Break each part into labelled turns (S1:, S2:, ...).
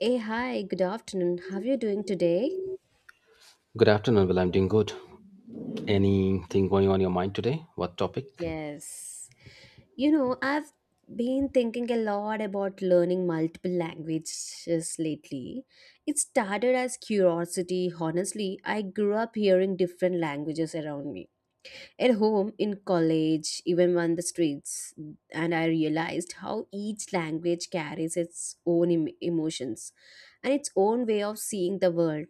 S1: Hey, hi, good afternoon. How are you doing today?
S2: Good afternoon. Well, I'm doing good. Anything going on your mind today? What topic?
S1: Yes. You know, I've been thinking a lot about learning multiple languages lately. It started as curiosity. Honestly, I grew up hearing different languages around me. At home, in college, even on the streets, and I realized how each language carries its own emotions and its own way of seeing the world.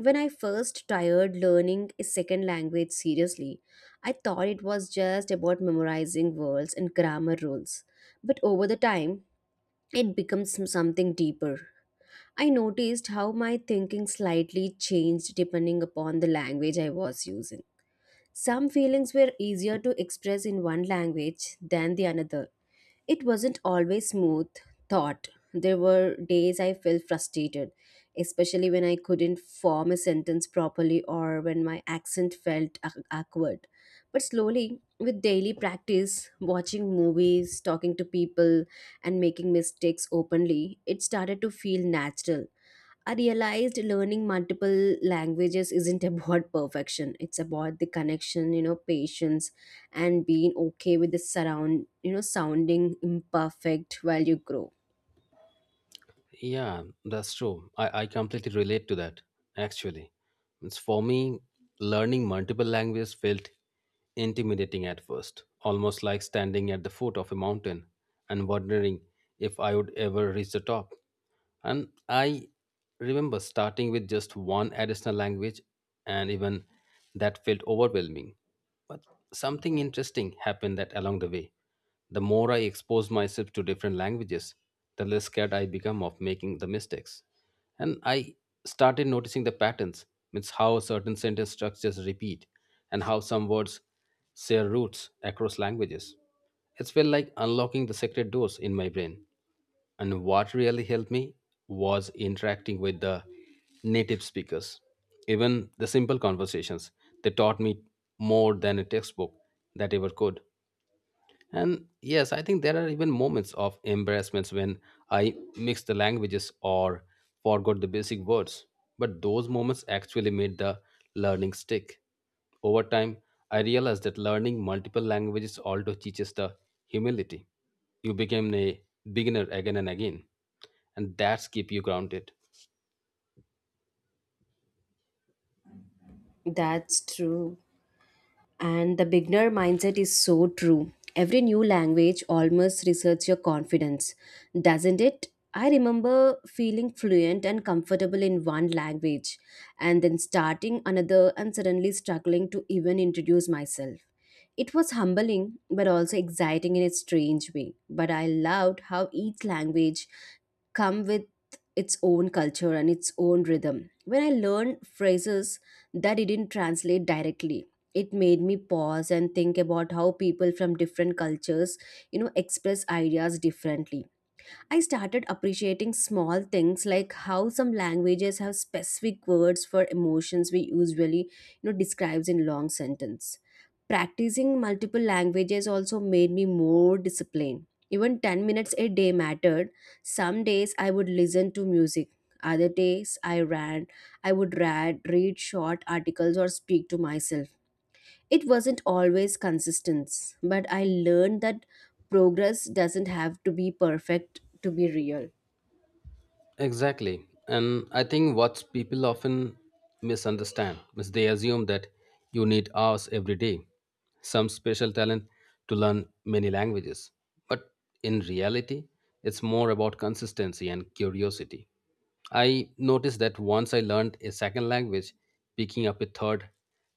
S1: When I first tried learning a second language seriously, I thought it was just about memorizing words and grammar rules. But over the time, it becomes something deeper. I noticed how my thinking slightly changed depending upon the language I was using. Some feelings were easier to express in one language than the another. It wasn't always smooth thought. There were days I felt frustrated, especially when I couldn't form a sentence properly or when my accent felt awkward. But slowly, with daily practice, watching movies, talking to people, and making mistakes openly, it started to feel natural. I realized learning multiple languages isn't about perfection. It's about the connection, patience and being okay with the surround, sounding imperfect while you grow.
S2: Yeah, that's true. I completely relate to that, actually. It's for me, learning multiple languages felt intimidating at first, almost like standing at the foot of a mountain and wondering if I would ever reach the top. And I remember starting with just one additional language, and even that felt overwhelming. But something interesting happened that along the way. The more I exposed myself to different languages, the less scared I became of making the mistakes. And I started noticing the patterns, means how certain sentence structures repeat and how some words share roots across languages. It felt like unlocking the secret doors in my brain. And what really helped me was interacting with the native speakers. Even the simple conversations, they taught me more than a textbook that ever could. And yes, I think there are even moments of embarrassments when I mix the languages or forgot the basic words. But those moments actually made the learning stick. Over time, I realized that learning multiple languages also teaches the humility. You become a beginner again and again, and that's keep you grounded.
S1: That's true. And the beginner mindset is so true. Every new language almost research your confidence, doesn't it? I remember feeling fluent and comfortable in one language and then starting another and suddenly struggling to even introduce myself. It was humbling but also exciting in a strange way. But I loved how each language come with its own culture and its own rhythm. When I learned phrases that didn't translate directly, it made me pause and think about how people from different cultures express ideas differently. I started appreciating small things like how some languages have specific words for emotions we usually describes in long sentence. Practicing multiple languages also made me more disciplined. Even 10 minutes a day mattered. Some days I would listen to music, other days I ran. I would read short articles or speak to myself. It wasn't always consistent, but I learned that progress doesn't have to be perfect to be real.
S2: Exactly. And I think what people often misunderstand is they assume that you need hours every day, some special talent to learn many languages. But in reality, it's more about consistency and curiosity. I noticed that once I learned a second language, picking up a third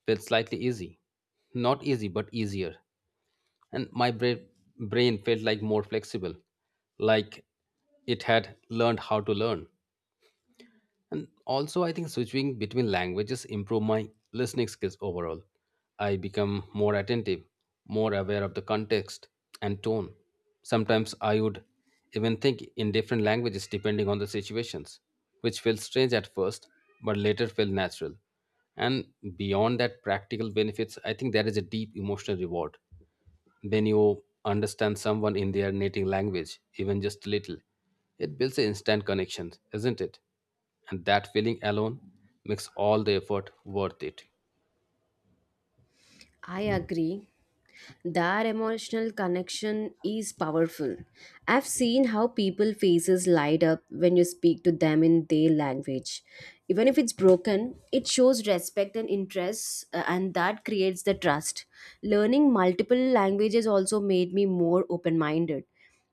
S2: felt slightly easy. Not easy, but easier. And my brain felt like more flexible, like it had learned how to learn. And also, I think switching between languages improve my listening skills overall. I become more attentive, more aware of the context and tone. Sometimes I would even think in different languages depending on the situations, which felt strange at first, but later felt natural. And beyond that practical benefits, I think there is a deep emotional reward. When you understand someone in their native language, even just a little, it builds an instant connection, isn't it? And that feeling alone makes all the effort worth it.
S1: I agree. That emotional connection is powerful. I've seen how people faces light up when you speak to them in their language. Even if it's broken, it shows respect and interest and that creates the trust. Learning multiple languages also made me more open-minded.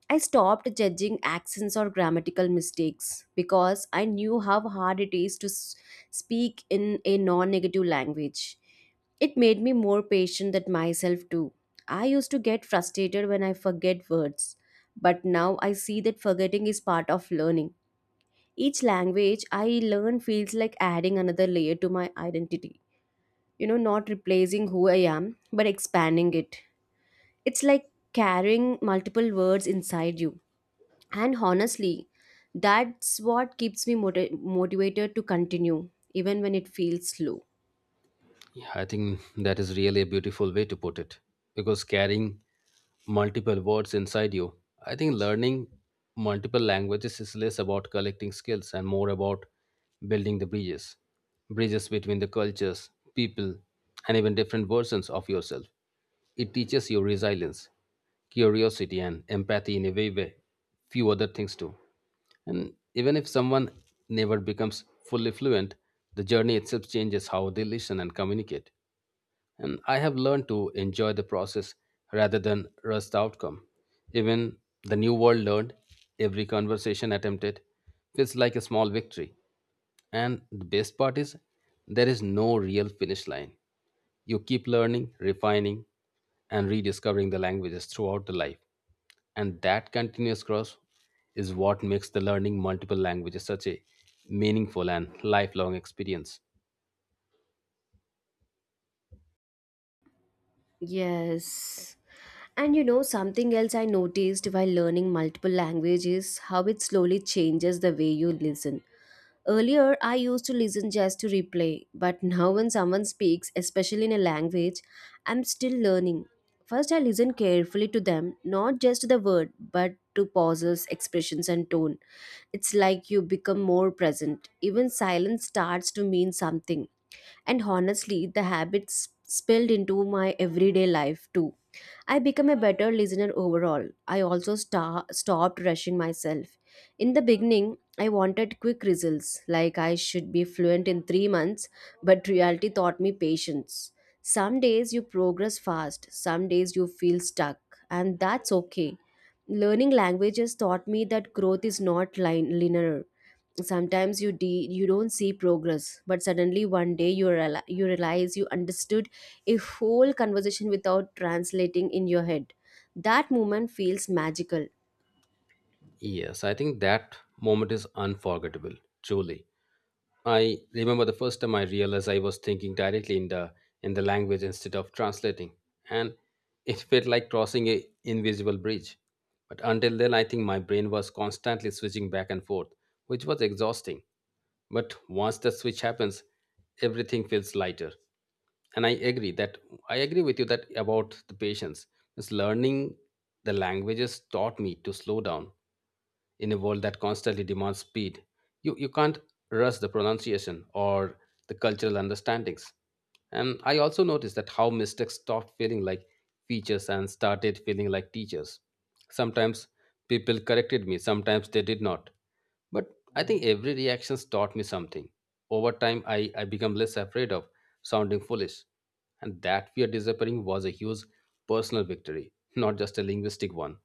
S1: I stopped judging accents or grammatical mistakes because I knew how hard it is to speak in a non negative language. It made me more patient with myself too. I used to get frustrated when I forget words, but now I see that forgetting is part of learning. Each language I learn feels like adding another layer to my identity. You know, not replacing who I am, but expanding it. It's like carrying multiple words inside you and honestly, that's what keeps me motivated to continue, even when it feels slow.
S2: Yeah, I think that is really a beautiful way to put it because carrying multiple words inside you, I think learning multiple languages is less about collecting skills and more about building the bridges, bridges between the cultures, people, and even different versions of yourself. It teaches you resilience, curiosity, and empathy in a way few other things do. And even if someone never becomes fully fluent, the journey itself changes how they listen and communicate. And I have learned to enjoy the process rather than rush the outcome. Even the new world learned, every conversation attempted feels like a small victory. And the best part is, there is no real finish line. You keep learning, refining, and rediscovering the languages throughout the life, and that continuous growth is what makes the learning multiple languages such a meaningful and lifelong experience.
S1: Yes. And something else I noticed while learning multiple languages how it slowly changes the way you listen. Earlier, I used to listen just to replay, but now when someone speaks, especially in a language, I'm still learning. First, I listen carefully to them, not just to the word, but to pauses, expressions, and tone. It's like you become more present. Even silence starts to mean something. And honestly, the habits spilled into my everyday life too. I become a better listener overall. I also stopped rushing myself. In the beginning, I wanted quick results, like I should be fluent in 3 months, but reality taught me patience. Some days you progress fast, some days you feel stuck, and that's okay. Learning languages taught me that growth is not linear. Sometimes you don't see progress, but suddenly one day you realize you understood a whole conversation without translating in your head. That moment feels magical.
S2: Yes, I think that moment is unforgettable, truly. I remember the first time I realized I was thinking directly in the language instead of translating, and it felt like crossing a invisible bridge. But until then, I think my brain was constantly switching back and forth, which was exhausting. But once the switch happens, everything feels lighter. And I agree with you that about the patience. This learning the languages taught me to slow down in a world that constantly demands speed. You can't rush the pronunciation or the cultural understandings. And I also noticed that how mistakes stopped feeling like features and started feeling like teachers. Sometimes people corrected me, sometimes they did not. But I think every reaction taught me something. Over time, I became less afraid of sounding foolish. And that fear disappearing was a huge personal victory, not just a linguistic one.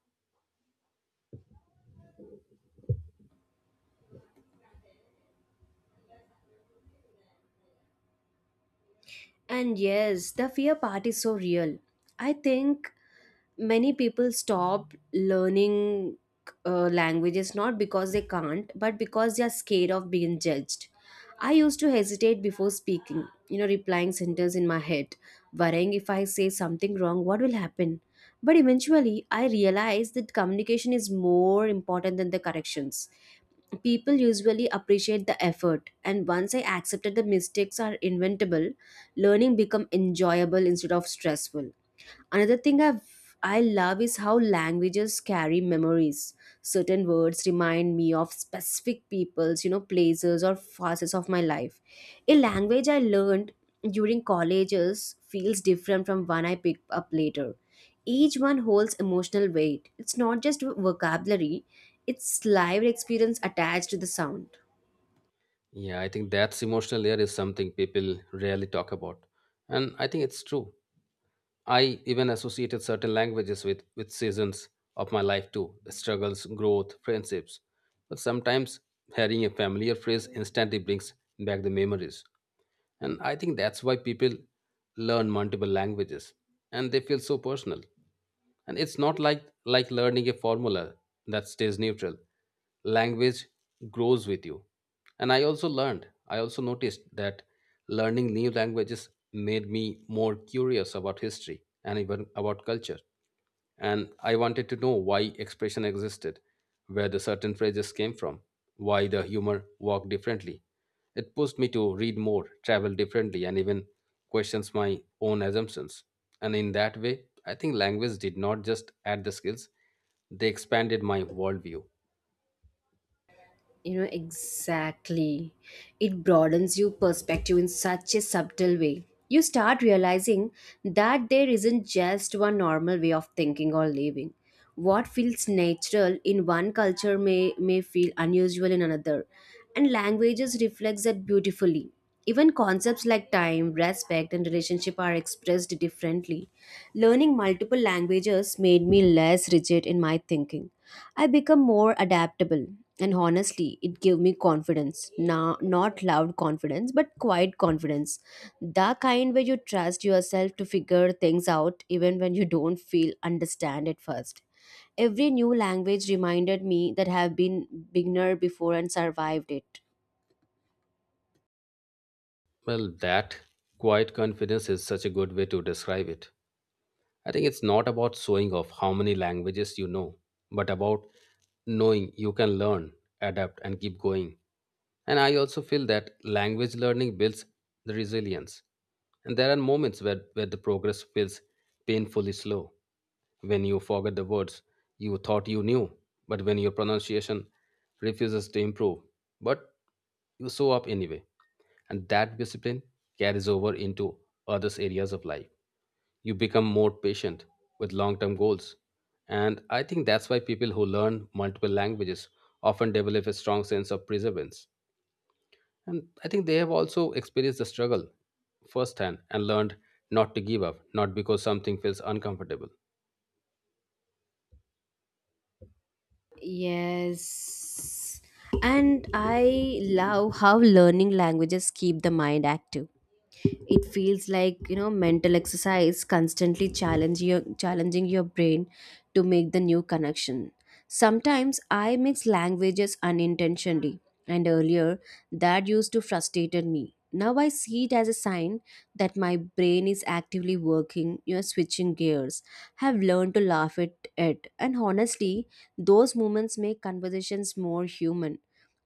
S1: And yes, the fear part is so real. I think many people stop learning languages, not because they can't, but because they are scared of being judged. I used to hesitate before speaking, replying sentence in my head, worrying if I say something wrong, what will happen. But eventually I realized that communication is more important than the corrections. People usually appreciate the effort, and once I accepted the mistakes are inventable, learning become enjoyable instead of stressful. Another thing I love is how languages carry memories. Certain words remind me of specific peoples, places or phases of my life. A language I learned during colleges feels different from one I pick up later. Each one holds emotional weight. It's not just vocabulary, it's lived experience attached to the sound.
S2: Yeah, I think that's emotional layer is something people rarely talk about. And I think it's true. I even associated certain languages with seasons of my life too, the struggles, growth, friendships. But sometimes hearing a familiar phrase instantly brings back the memories. And I think that's why people learn multiple languages and they feel so personal, and it's not like learning a formula that stays neutral. Language grows with you. And I also noticed that learning new languages made me more curious about history and even about culture. And I wanted to know why expression existed, where the certain phrases came from, why the humor walked differently. It pushed me to read more, travel differently, and even questions my own assumptions. And in that way, I think language did not just add the skills, they expanded my worldview.
S1: You know, exactly. It broadens your perspective in such a subtle way. You start realizing that there isn't just one normal way of thinking or living. What feels natural in one culture may feel unusual in another. And languages reflect that beautifully. Even concepts like time, respect, and relationship are expressed differently. Learning multiple languages made me less rigid in my thinking. I become more adaptable, and honestly, it gave me confidence. Now, not loud confidence but quiet confidence. The kind where you trust yourself to figure things out even when you don't feel understand at first. Every new language reminded me that I have been beginner before and survived it.
S2: Well, that quiet confidence is such a good way to describe it. I think it's not about showing off how many languages you know, but about knowing you can learn, adapt, and keep going. And I also feel that language learning builds the resilience. And there are moments where the progress feels painfully slow. When you forget the words you thought you knew, but when your pronunciation refuses to improve, but you show up anyway. And that discipline carries over into others areas of life. You become more patient with long term goals. And I think that's why people who learn multiple languages often develop a strong sense of perseverance. And I think they have also experienced the struggle firsthand and learned not to give up, not because something feels uncomfortable.
S1: Yes. And I love how learning languages keep the mind active. It feels like mental exercise, constantly challenging your brain to make the new connection. Sometimes I mix languages unintentionally, and earlier that used to frustrated me. Now I see it as a sign that my brain is actively working, switching gears. Have learned to laugh at it, and honestly, those moments make conversations more human.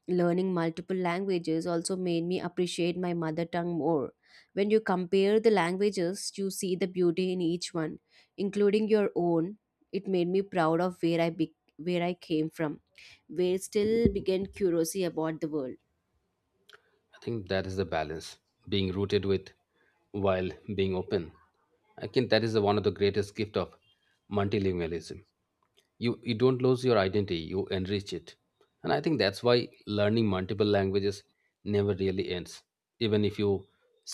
S1: Learning multiple languages also made me appreciate my mother tongue more. When you compare the languages, you see the beauty in each one, including your own. It made me proud of where where I came from, where still began curiosity about the world.
S2: I think that is the balance, being rooted with while being open. I think that is the, one of the greatest gift of multilingualism. You don't lose your identity, you enrich it. And I think that's why learning multiple languages never really ends. Even if you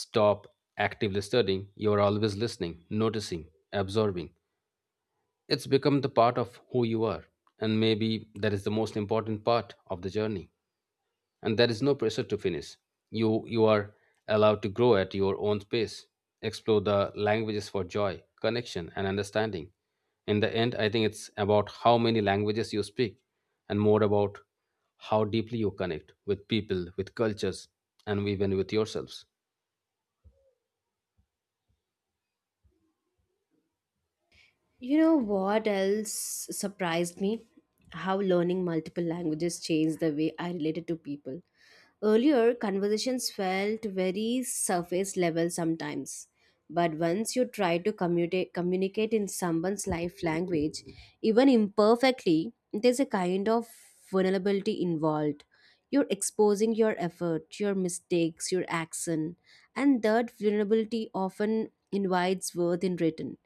S2: stop actively studying, you're always listening, noticing, absorbing. It's become the part of who you are, and maybe that is the most important part of the journey, and there is no pressure to finish. You are allowed to grow at your own pace, explore the languages for joy, connection, and understanding. In the end, I think it's about how many languages you speak, and more about how deeply you connect with people, with cultures, and even with yourselves.
S1: You know what else surprised me? How learning multiple languages changed the way I related to people. Earlier, conversations felt very surface level sometimes. But once you try to communicate in someone's life language, even imperfectly, there's a kind of vulnerability involved. You're exposing your effort, your mistakes, your accent, and that vulnerability often invites worth in return.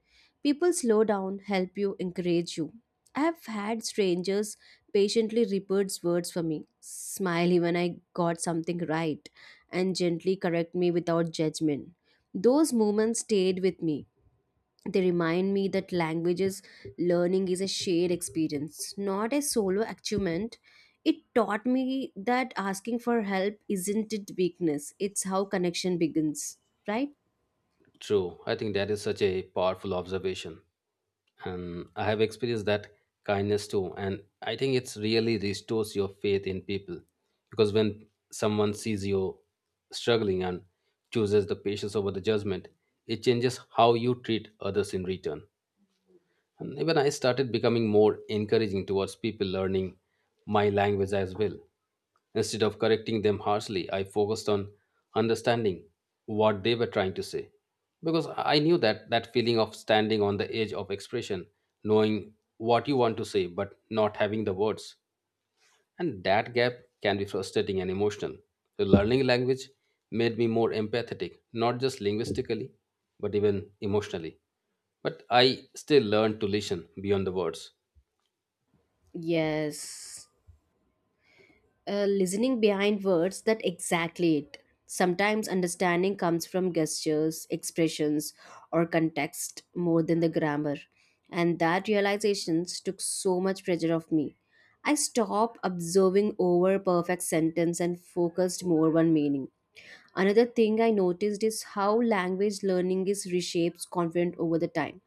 S1: People slow down, help you, encourage you. I have had strangers patiently repeats words for me, smile even I got something right, and gently correct me without judgment. Those moments stayed with me. They remind me that languages learning is a shared experience, not a solo achievement. It taught me that asking for help isn't it weakness, it's how connection begins, right?
S2: True. I think that is such a powerful observation. And I have experienced that kindness too. And I think it's really restores your faith in people. Because when someone sees you struggling and chooses the patience over the judgment, it changes how you treat others in return. And even I started becoming more encouraging towards people learning my language as well. Instead of correcting them harshly, I focused on understanding what they were trying to say. Because I knew that that feeling of standing on the edge of expression, knowing what you want to say but not having the words, and that gap can be frustrating and emotional. So learning language made me more empathetic, not just linguistically, but even emotionally. But I still learn to listen beyond the words.
S1: Yes. Listening behind words, that exactly it. Sometimes understanding comes from gestures, expressions, or context more than the grammar. And that realization took so much pressure off me. I stopped observing over perfect sentence and focused more on meaning. Another thing I noticed is how language learning is reshapes confident over the time.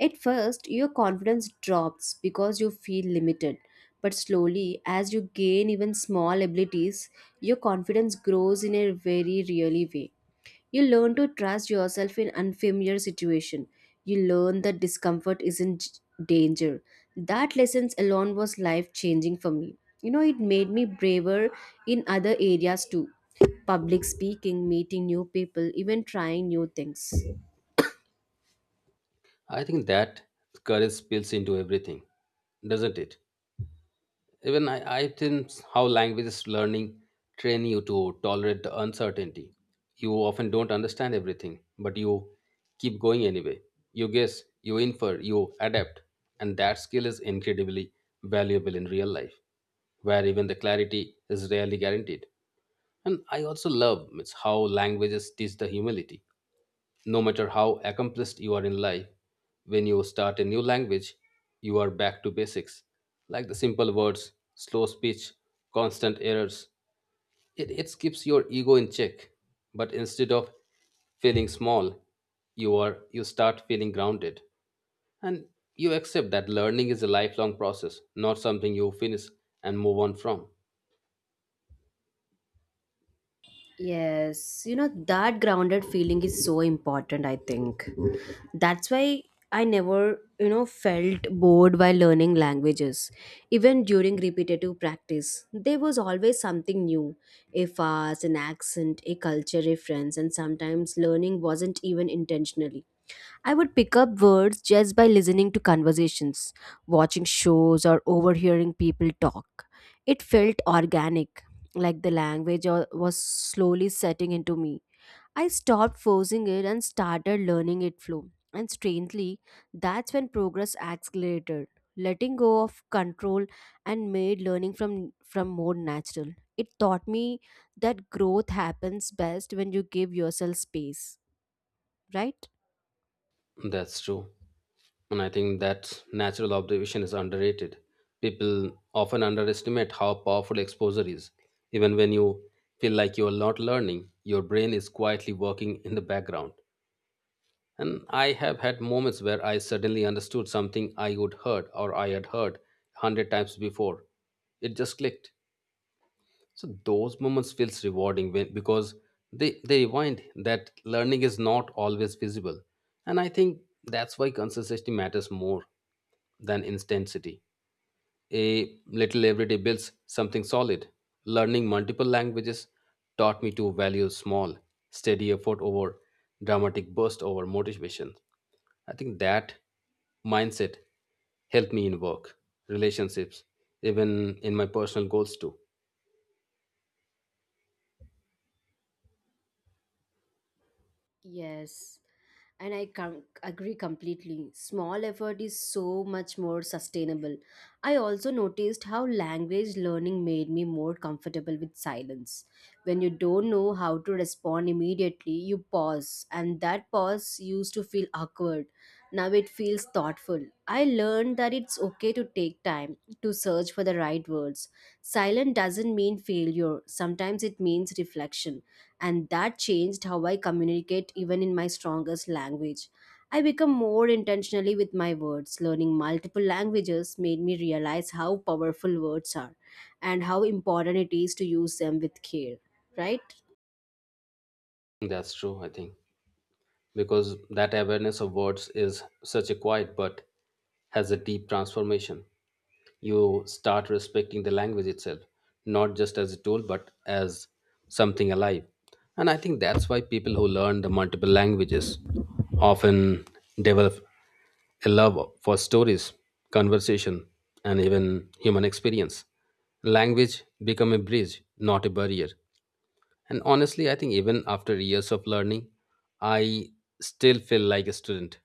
S1: At first, your confidence drops because you feel limited. But slowly, as you gain even small abilities, your confidence grows in a very really way. You learn to trust yourself in unfamiliar situation. You learn that discomfort isn't danger. That lessons alone was life changing for me. You know, it made me braver in other areas too. Public speaking, meeting new people, even trying new things.
S2: I think that courage spills into everything, doesn't it? Even I think how languages learning train you to tolerate the uncertainty. You often don't understand everything, but you keep going anyway. You guess, you infer, you adapt, and that skill is incredibly valuable in real life, where even the clarity is rarely guaranteed. And I also love it's how languages teach the humility. No matter how accomplished you are in life, when you start a new language, you are back to basics, like the simple words, slow speech, constant errors. It keeps your ego in check, but instead of feeling small, you start feeling grounded, and you accept that learning is a lifelong process, not something you finish and move on from.
S1: Yes, that grounded feeling is so important, I think. That's why I never felt bored while learning languages. Even during repetitive practice, there was always something new. A fast, an accent, a culture reference, and sometimes learning wasn't even intentional. I would pick up words just by listening to conversations, watching shows, or overhearing people talk. It felt organic, like the language was slowly setting into me. I stopped forcing it and started learning it flow. And strangely, that's when progress accelerated. Letting go of control and made learning from more natural. It taught me that growth happens best when you give yourself space, right?
S2: That's true. And I think that natural observation is underrated. People often underestimate how powerful exposure is. Even when you feel like you are not learning, your brain is quietly working in the background. And I have had moments where I suddenly understood something I had heard a hundred times before. It just clicked. So those moments feels rewarding when, because they remind that learning is not always visible. And I think that's why consistency matters more than intensity. A little every day builds something solid. Learning multiple languages taught me to value small, steady effort over dramatic burst over motivation. I think that mindset helped me in work, relationships, even in my personal goals too.
S1: Yes. And I agree completely. Small effort is so much more sustainable. I also noticed how language learning made me more comfortable with silence. When you don't know how to respond immediately, you pause, and that pause used to feel awkward. Now it feels thoughtful. I learned that it's okay to take time to search for the right words. Silent doesn't mean failure. Sometimes it means reflection. And that changed how I communicate even in my strongest language. I become more intentionally with my words. Learning multiple languages made me realize how powerful words are and how important it is to use them with care, right?
S2: That's true, I think, because that awareness of words is such a quiet but has a deep transformation. You start respecting the language itself, not just as a tool but as something alive. And I think that's why people who learn the multiple languages often develop a love for stories, conversation, and even human experience. Language become a bridge, not a barrier. And honestly, I think even after years of learning, I still feel like a student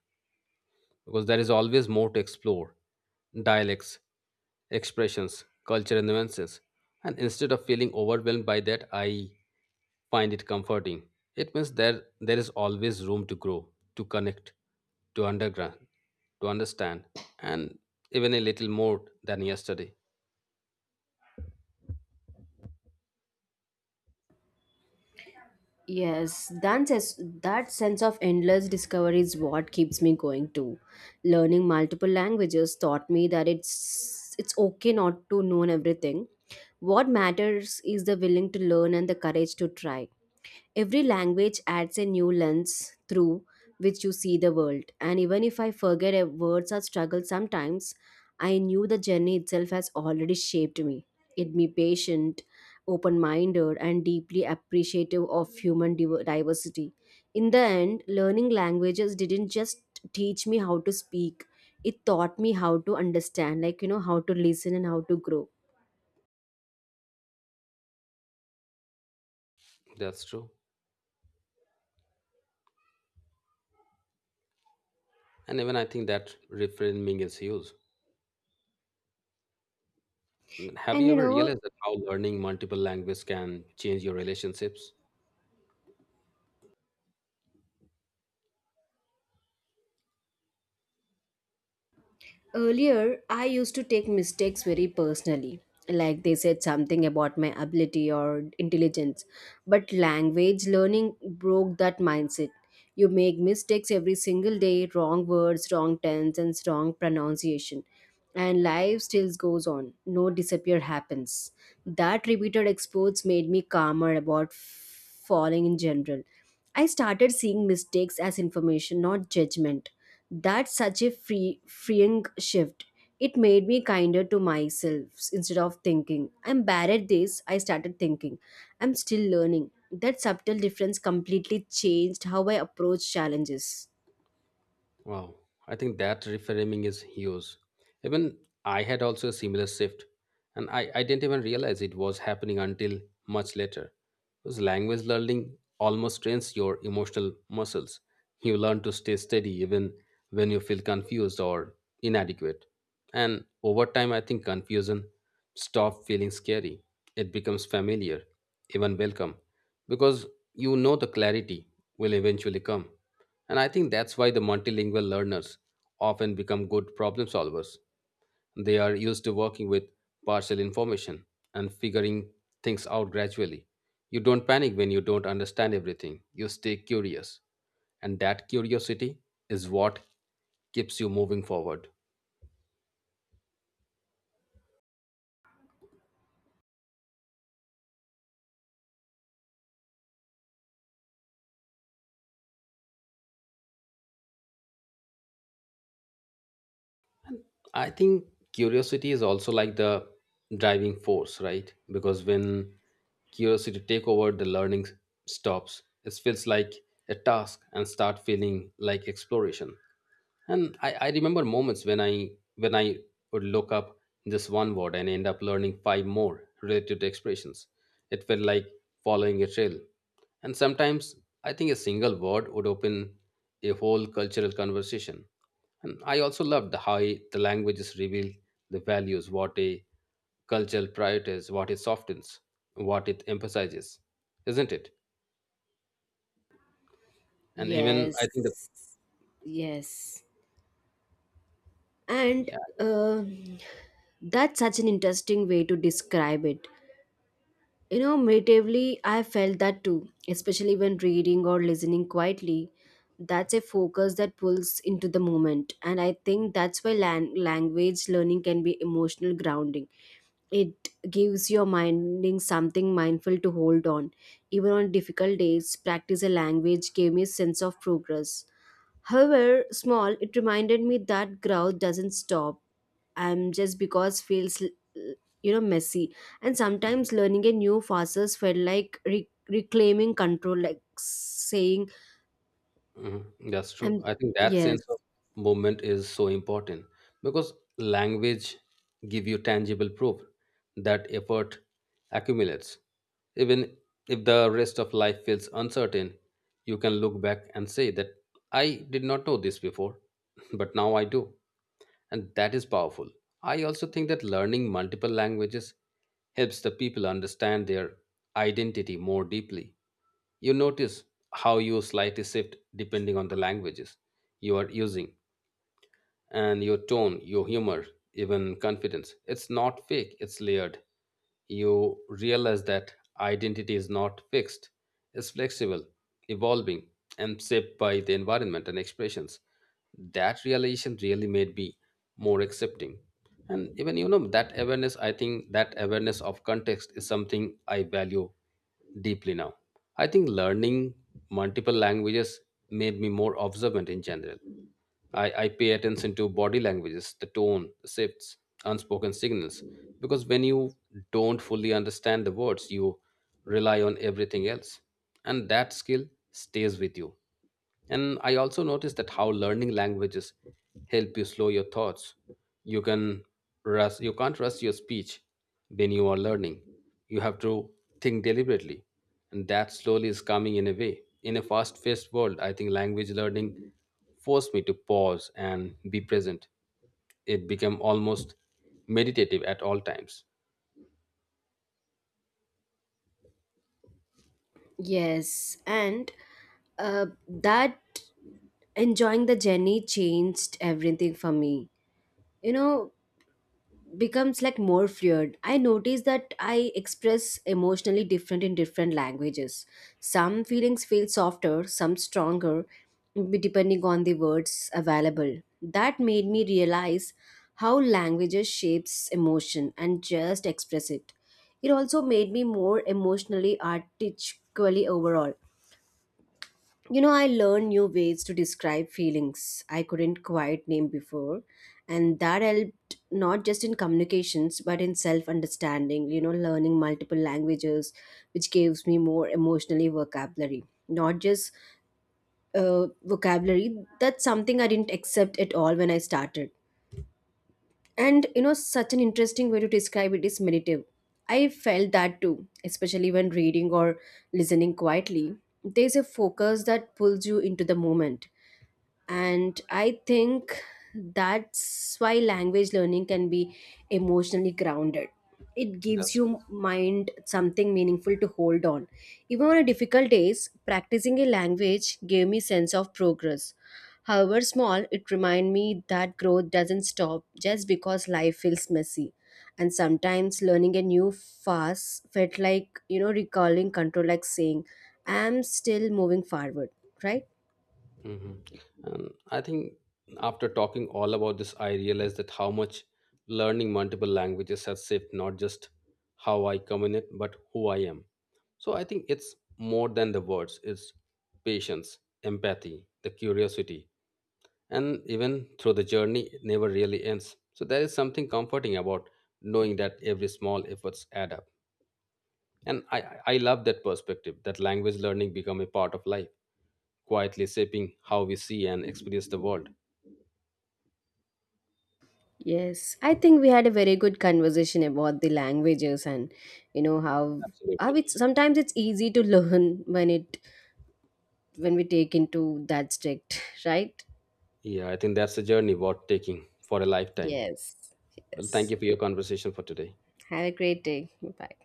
S2: because there is always more to explore dialects, expressions, culture, and nuances. And instead of feeling overwhelmed by that, I find it comforting. It means there is always room to grow, to connect, to underground, to understand, and even a little more than yesterday.
S1: Yes, that sense of endless discovery is what keeps me going too. Learning multiple languages taught me that it's okay not to know everything. What matters is the willing to learn and the courage to try. Every language adds a new lens through which you see the world. And even if I forget a words or struggle sometimes, I knew the journey itself has already shaped me. It made me patient open minded, and deeply appreciative of human diversity. In the end, learning languages didn't just teach me how to speak, it taught me how to understand, like, how to listen and how to grow.
S2: That's true. And even I think that reframing is huge. Have
S1: And
S2: you
S1: you
S2: ever
S1: know,
S2: realized that how learning multiple languages can change your relationships?
S1: Earlier, I used to take mistakes very personally, like they said something about my ability or intelligence. But language learning broke that mindset. You make mistakes every single day, wrong words, wrong tense, and wrong pronunciation. And life still goes on. No disappear happens. That repeated exposure made me calmer about falling in general. I started seeing mistakes as information, not judgment. That's such a freeing shift. It made me kinder to myself instead of thinking, I'm bad at this. I started thinking, I'm still learning. That subtle difference completely changed how I approach challenges.
S2: Wow, I think that reframing is huge. Even I had also a similar shift, and I didn't even realize it was happening until much later. Because language learning almost trains your emotional muscles. You learn to stay steady even when you feel confused or inadequate. And over time, I think confusion stops feeling scary. It becomes familiar, even welcome, because you know the clarity will eventually come. And I think that's why the multilingual learners often become good problem solvers. They are used to working with partial information and figuring things out gradually. You don't panic when you don't understand everything, you stay curious. And that curiosity is what keeps you moving forward. I think curiosity is also like the driving force, right? Because when curiosity take over, the learning stops. It feels like a task and start feeling like exploration. And I remember moments when I would look up this one word and end up learning five more related expressions. It felt like following a trail. And sometimes I think a single word would open a whole cultural conversation. And I also loved how the languages reveal the values, what a cultural priorities, what it softens, what it emphasizes, isn't it? And even I think the.
S1: Yes. Yes. And uh, that's such an interesting way to describe it. You know, meditatively, I felt that too, especially when reading or listening quietly. That's a focus that pulls into the moment. And I think that's why language learning can be emotional grounding. It gives your minding something mindful to hold on. Even on difficult days, practice a language gave me a sense of progress. However small, it reminded me that growth doesn't stop. I'm just because feels messy, and sometimes learning a new facets felt like reclaiming control, like saying,
S2: Mhm. That's true.
S1: "I'm
S2: I think that
S1: yes,
S2: sense of movement is so important because language give you tangible proof that effort accumulates. Even if the rest of life feels uncertain, you can look back and say that I did not know this before, but now I do. And that is powerful. I also think that learning multiple languages helps the people understand their identity more deeply. You notice how you slightly shift depending on the languages you are using and your tone, your humor, even confidence. It's not fake, it's layered. You realize that identity is not fixed, it's flexible, evolving, and shaped by the environment and expressions. That realization really made me more accepting. And even you know that awareness, I think that awareness of context is something I value deeply now. I think learning multiple languages made me more observant in general. I pay attention to body languages, the tone, the shifts, unspoken signals, because when you don't fully understand the words, you rely on everything else. And that skill stays with you, and I also noticed that how learning languages help you slow your thoughts. You can you can't rush your speech when you are learning. You have to think deliberately, and that slowly is coming in a way. In a fast-paced world, I think language learning forced me to pause and be present. It became almost meditative at all times.
S1: yes," and that enjoying the journey changed everything for me. You know, becomes like more fluid. I notice that I express emotionally different in different languages. Some feelings feel softer, some stronger, depending on the words available. That made me realize how languages shapes emotion and just express it. It also made me more emotionally articulate overall. You know, I learned new ways to describe feelings I couldn't quite name before, and that helped not just in communications but in self understanding. You know, learning multiple languages, which gives me more emotionally vocabulary, not just vocabulary. That's something I didn't accept at all when I started. And you know, such an interesting way to describe it is meditative. I felt that too, especially when reading or listening quietly. There's a focus that pulls you into the moment, and I think that's why language learning can be emotionally grounded. It gives
S2: Yes.
S1: you mind something meaningful to hold on. Even on a difficult days, practicing a language gave me sense of progress. However small, it remind me that growth doesn't stop just because life feels messy. And sometimes learning a new fast felt like, you know, recalling control, like saying, I'm still moving forward, right?
S2: Mhm. And I think after talking all about this, I realized that how much learning multiple languages has shaped not just how I communicate, but who I am. So I think it's more than the words, it's patience, empathy, the curiosity. And even through the journey, it never really ends. So there is something comforting about knowing that every small efforts add up. And I love that perspective that language learning become a part of life quietly shaping how we see and experience the world.
S1: Yes, I think we had a very good conversation about the languages, and you know how
S2: Absolutely.
S1: it's sometimes it's easy to learn when we take into that strict, right?
S2: Yeah, I think that's a journey worth taking for a lifetime.
S1: Yes.
S2: Well, thank
S1: Yes.
S2: you for your conversation for today.
S1: Have a great day. Bye.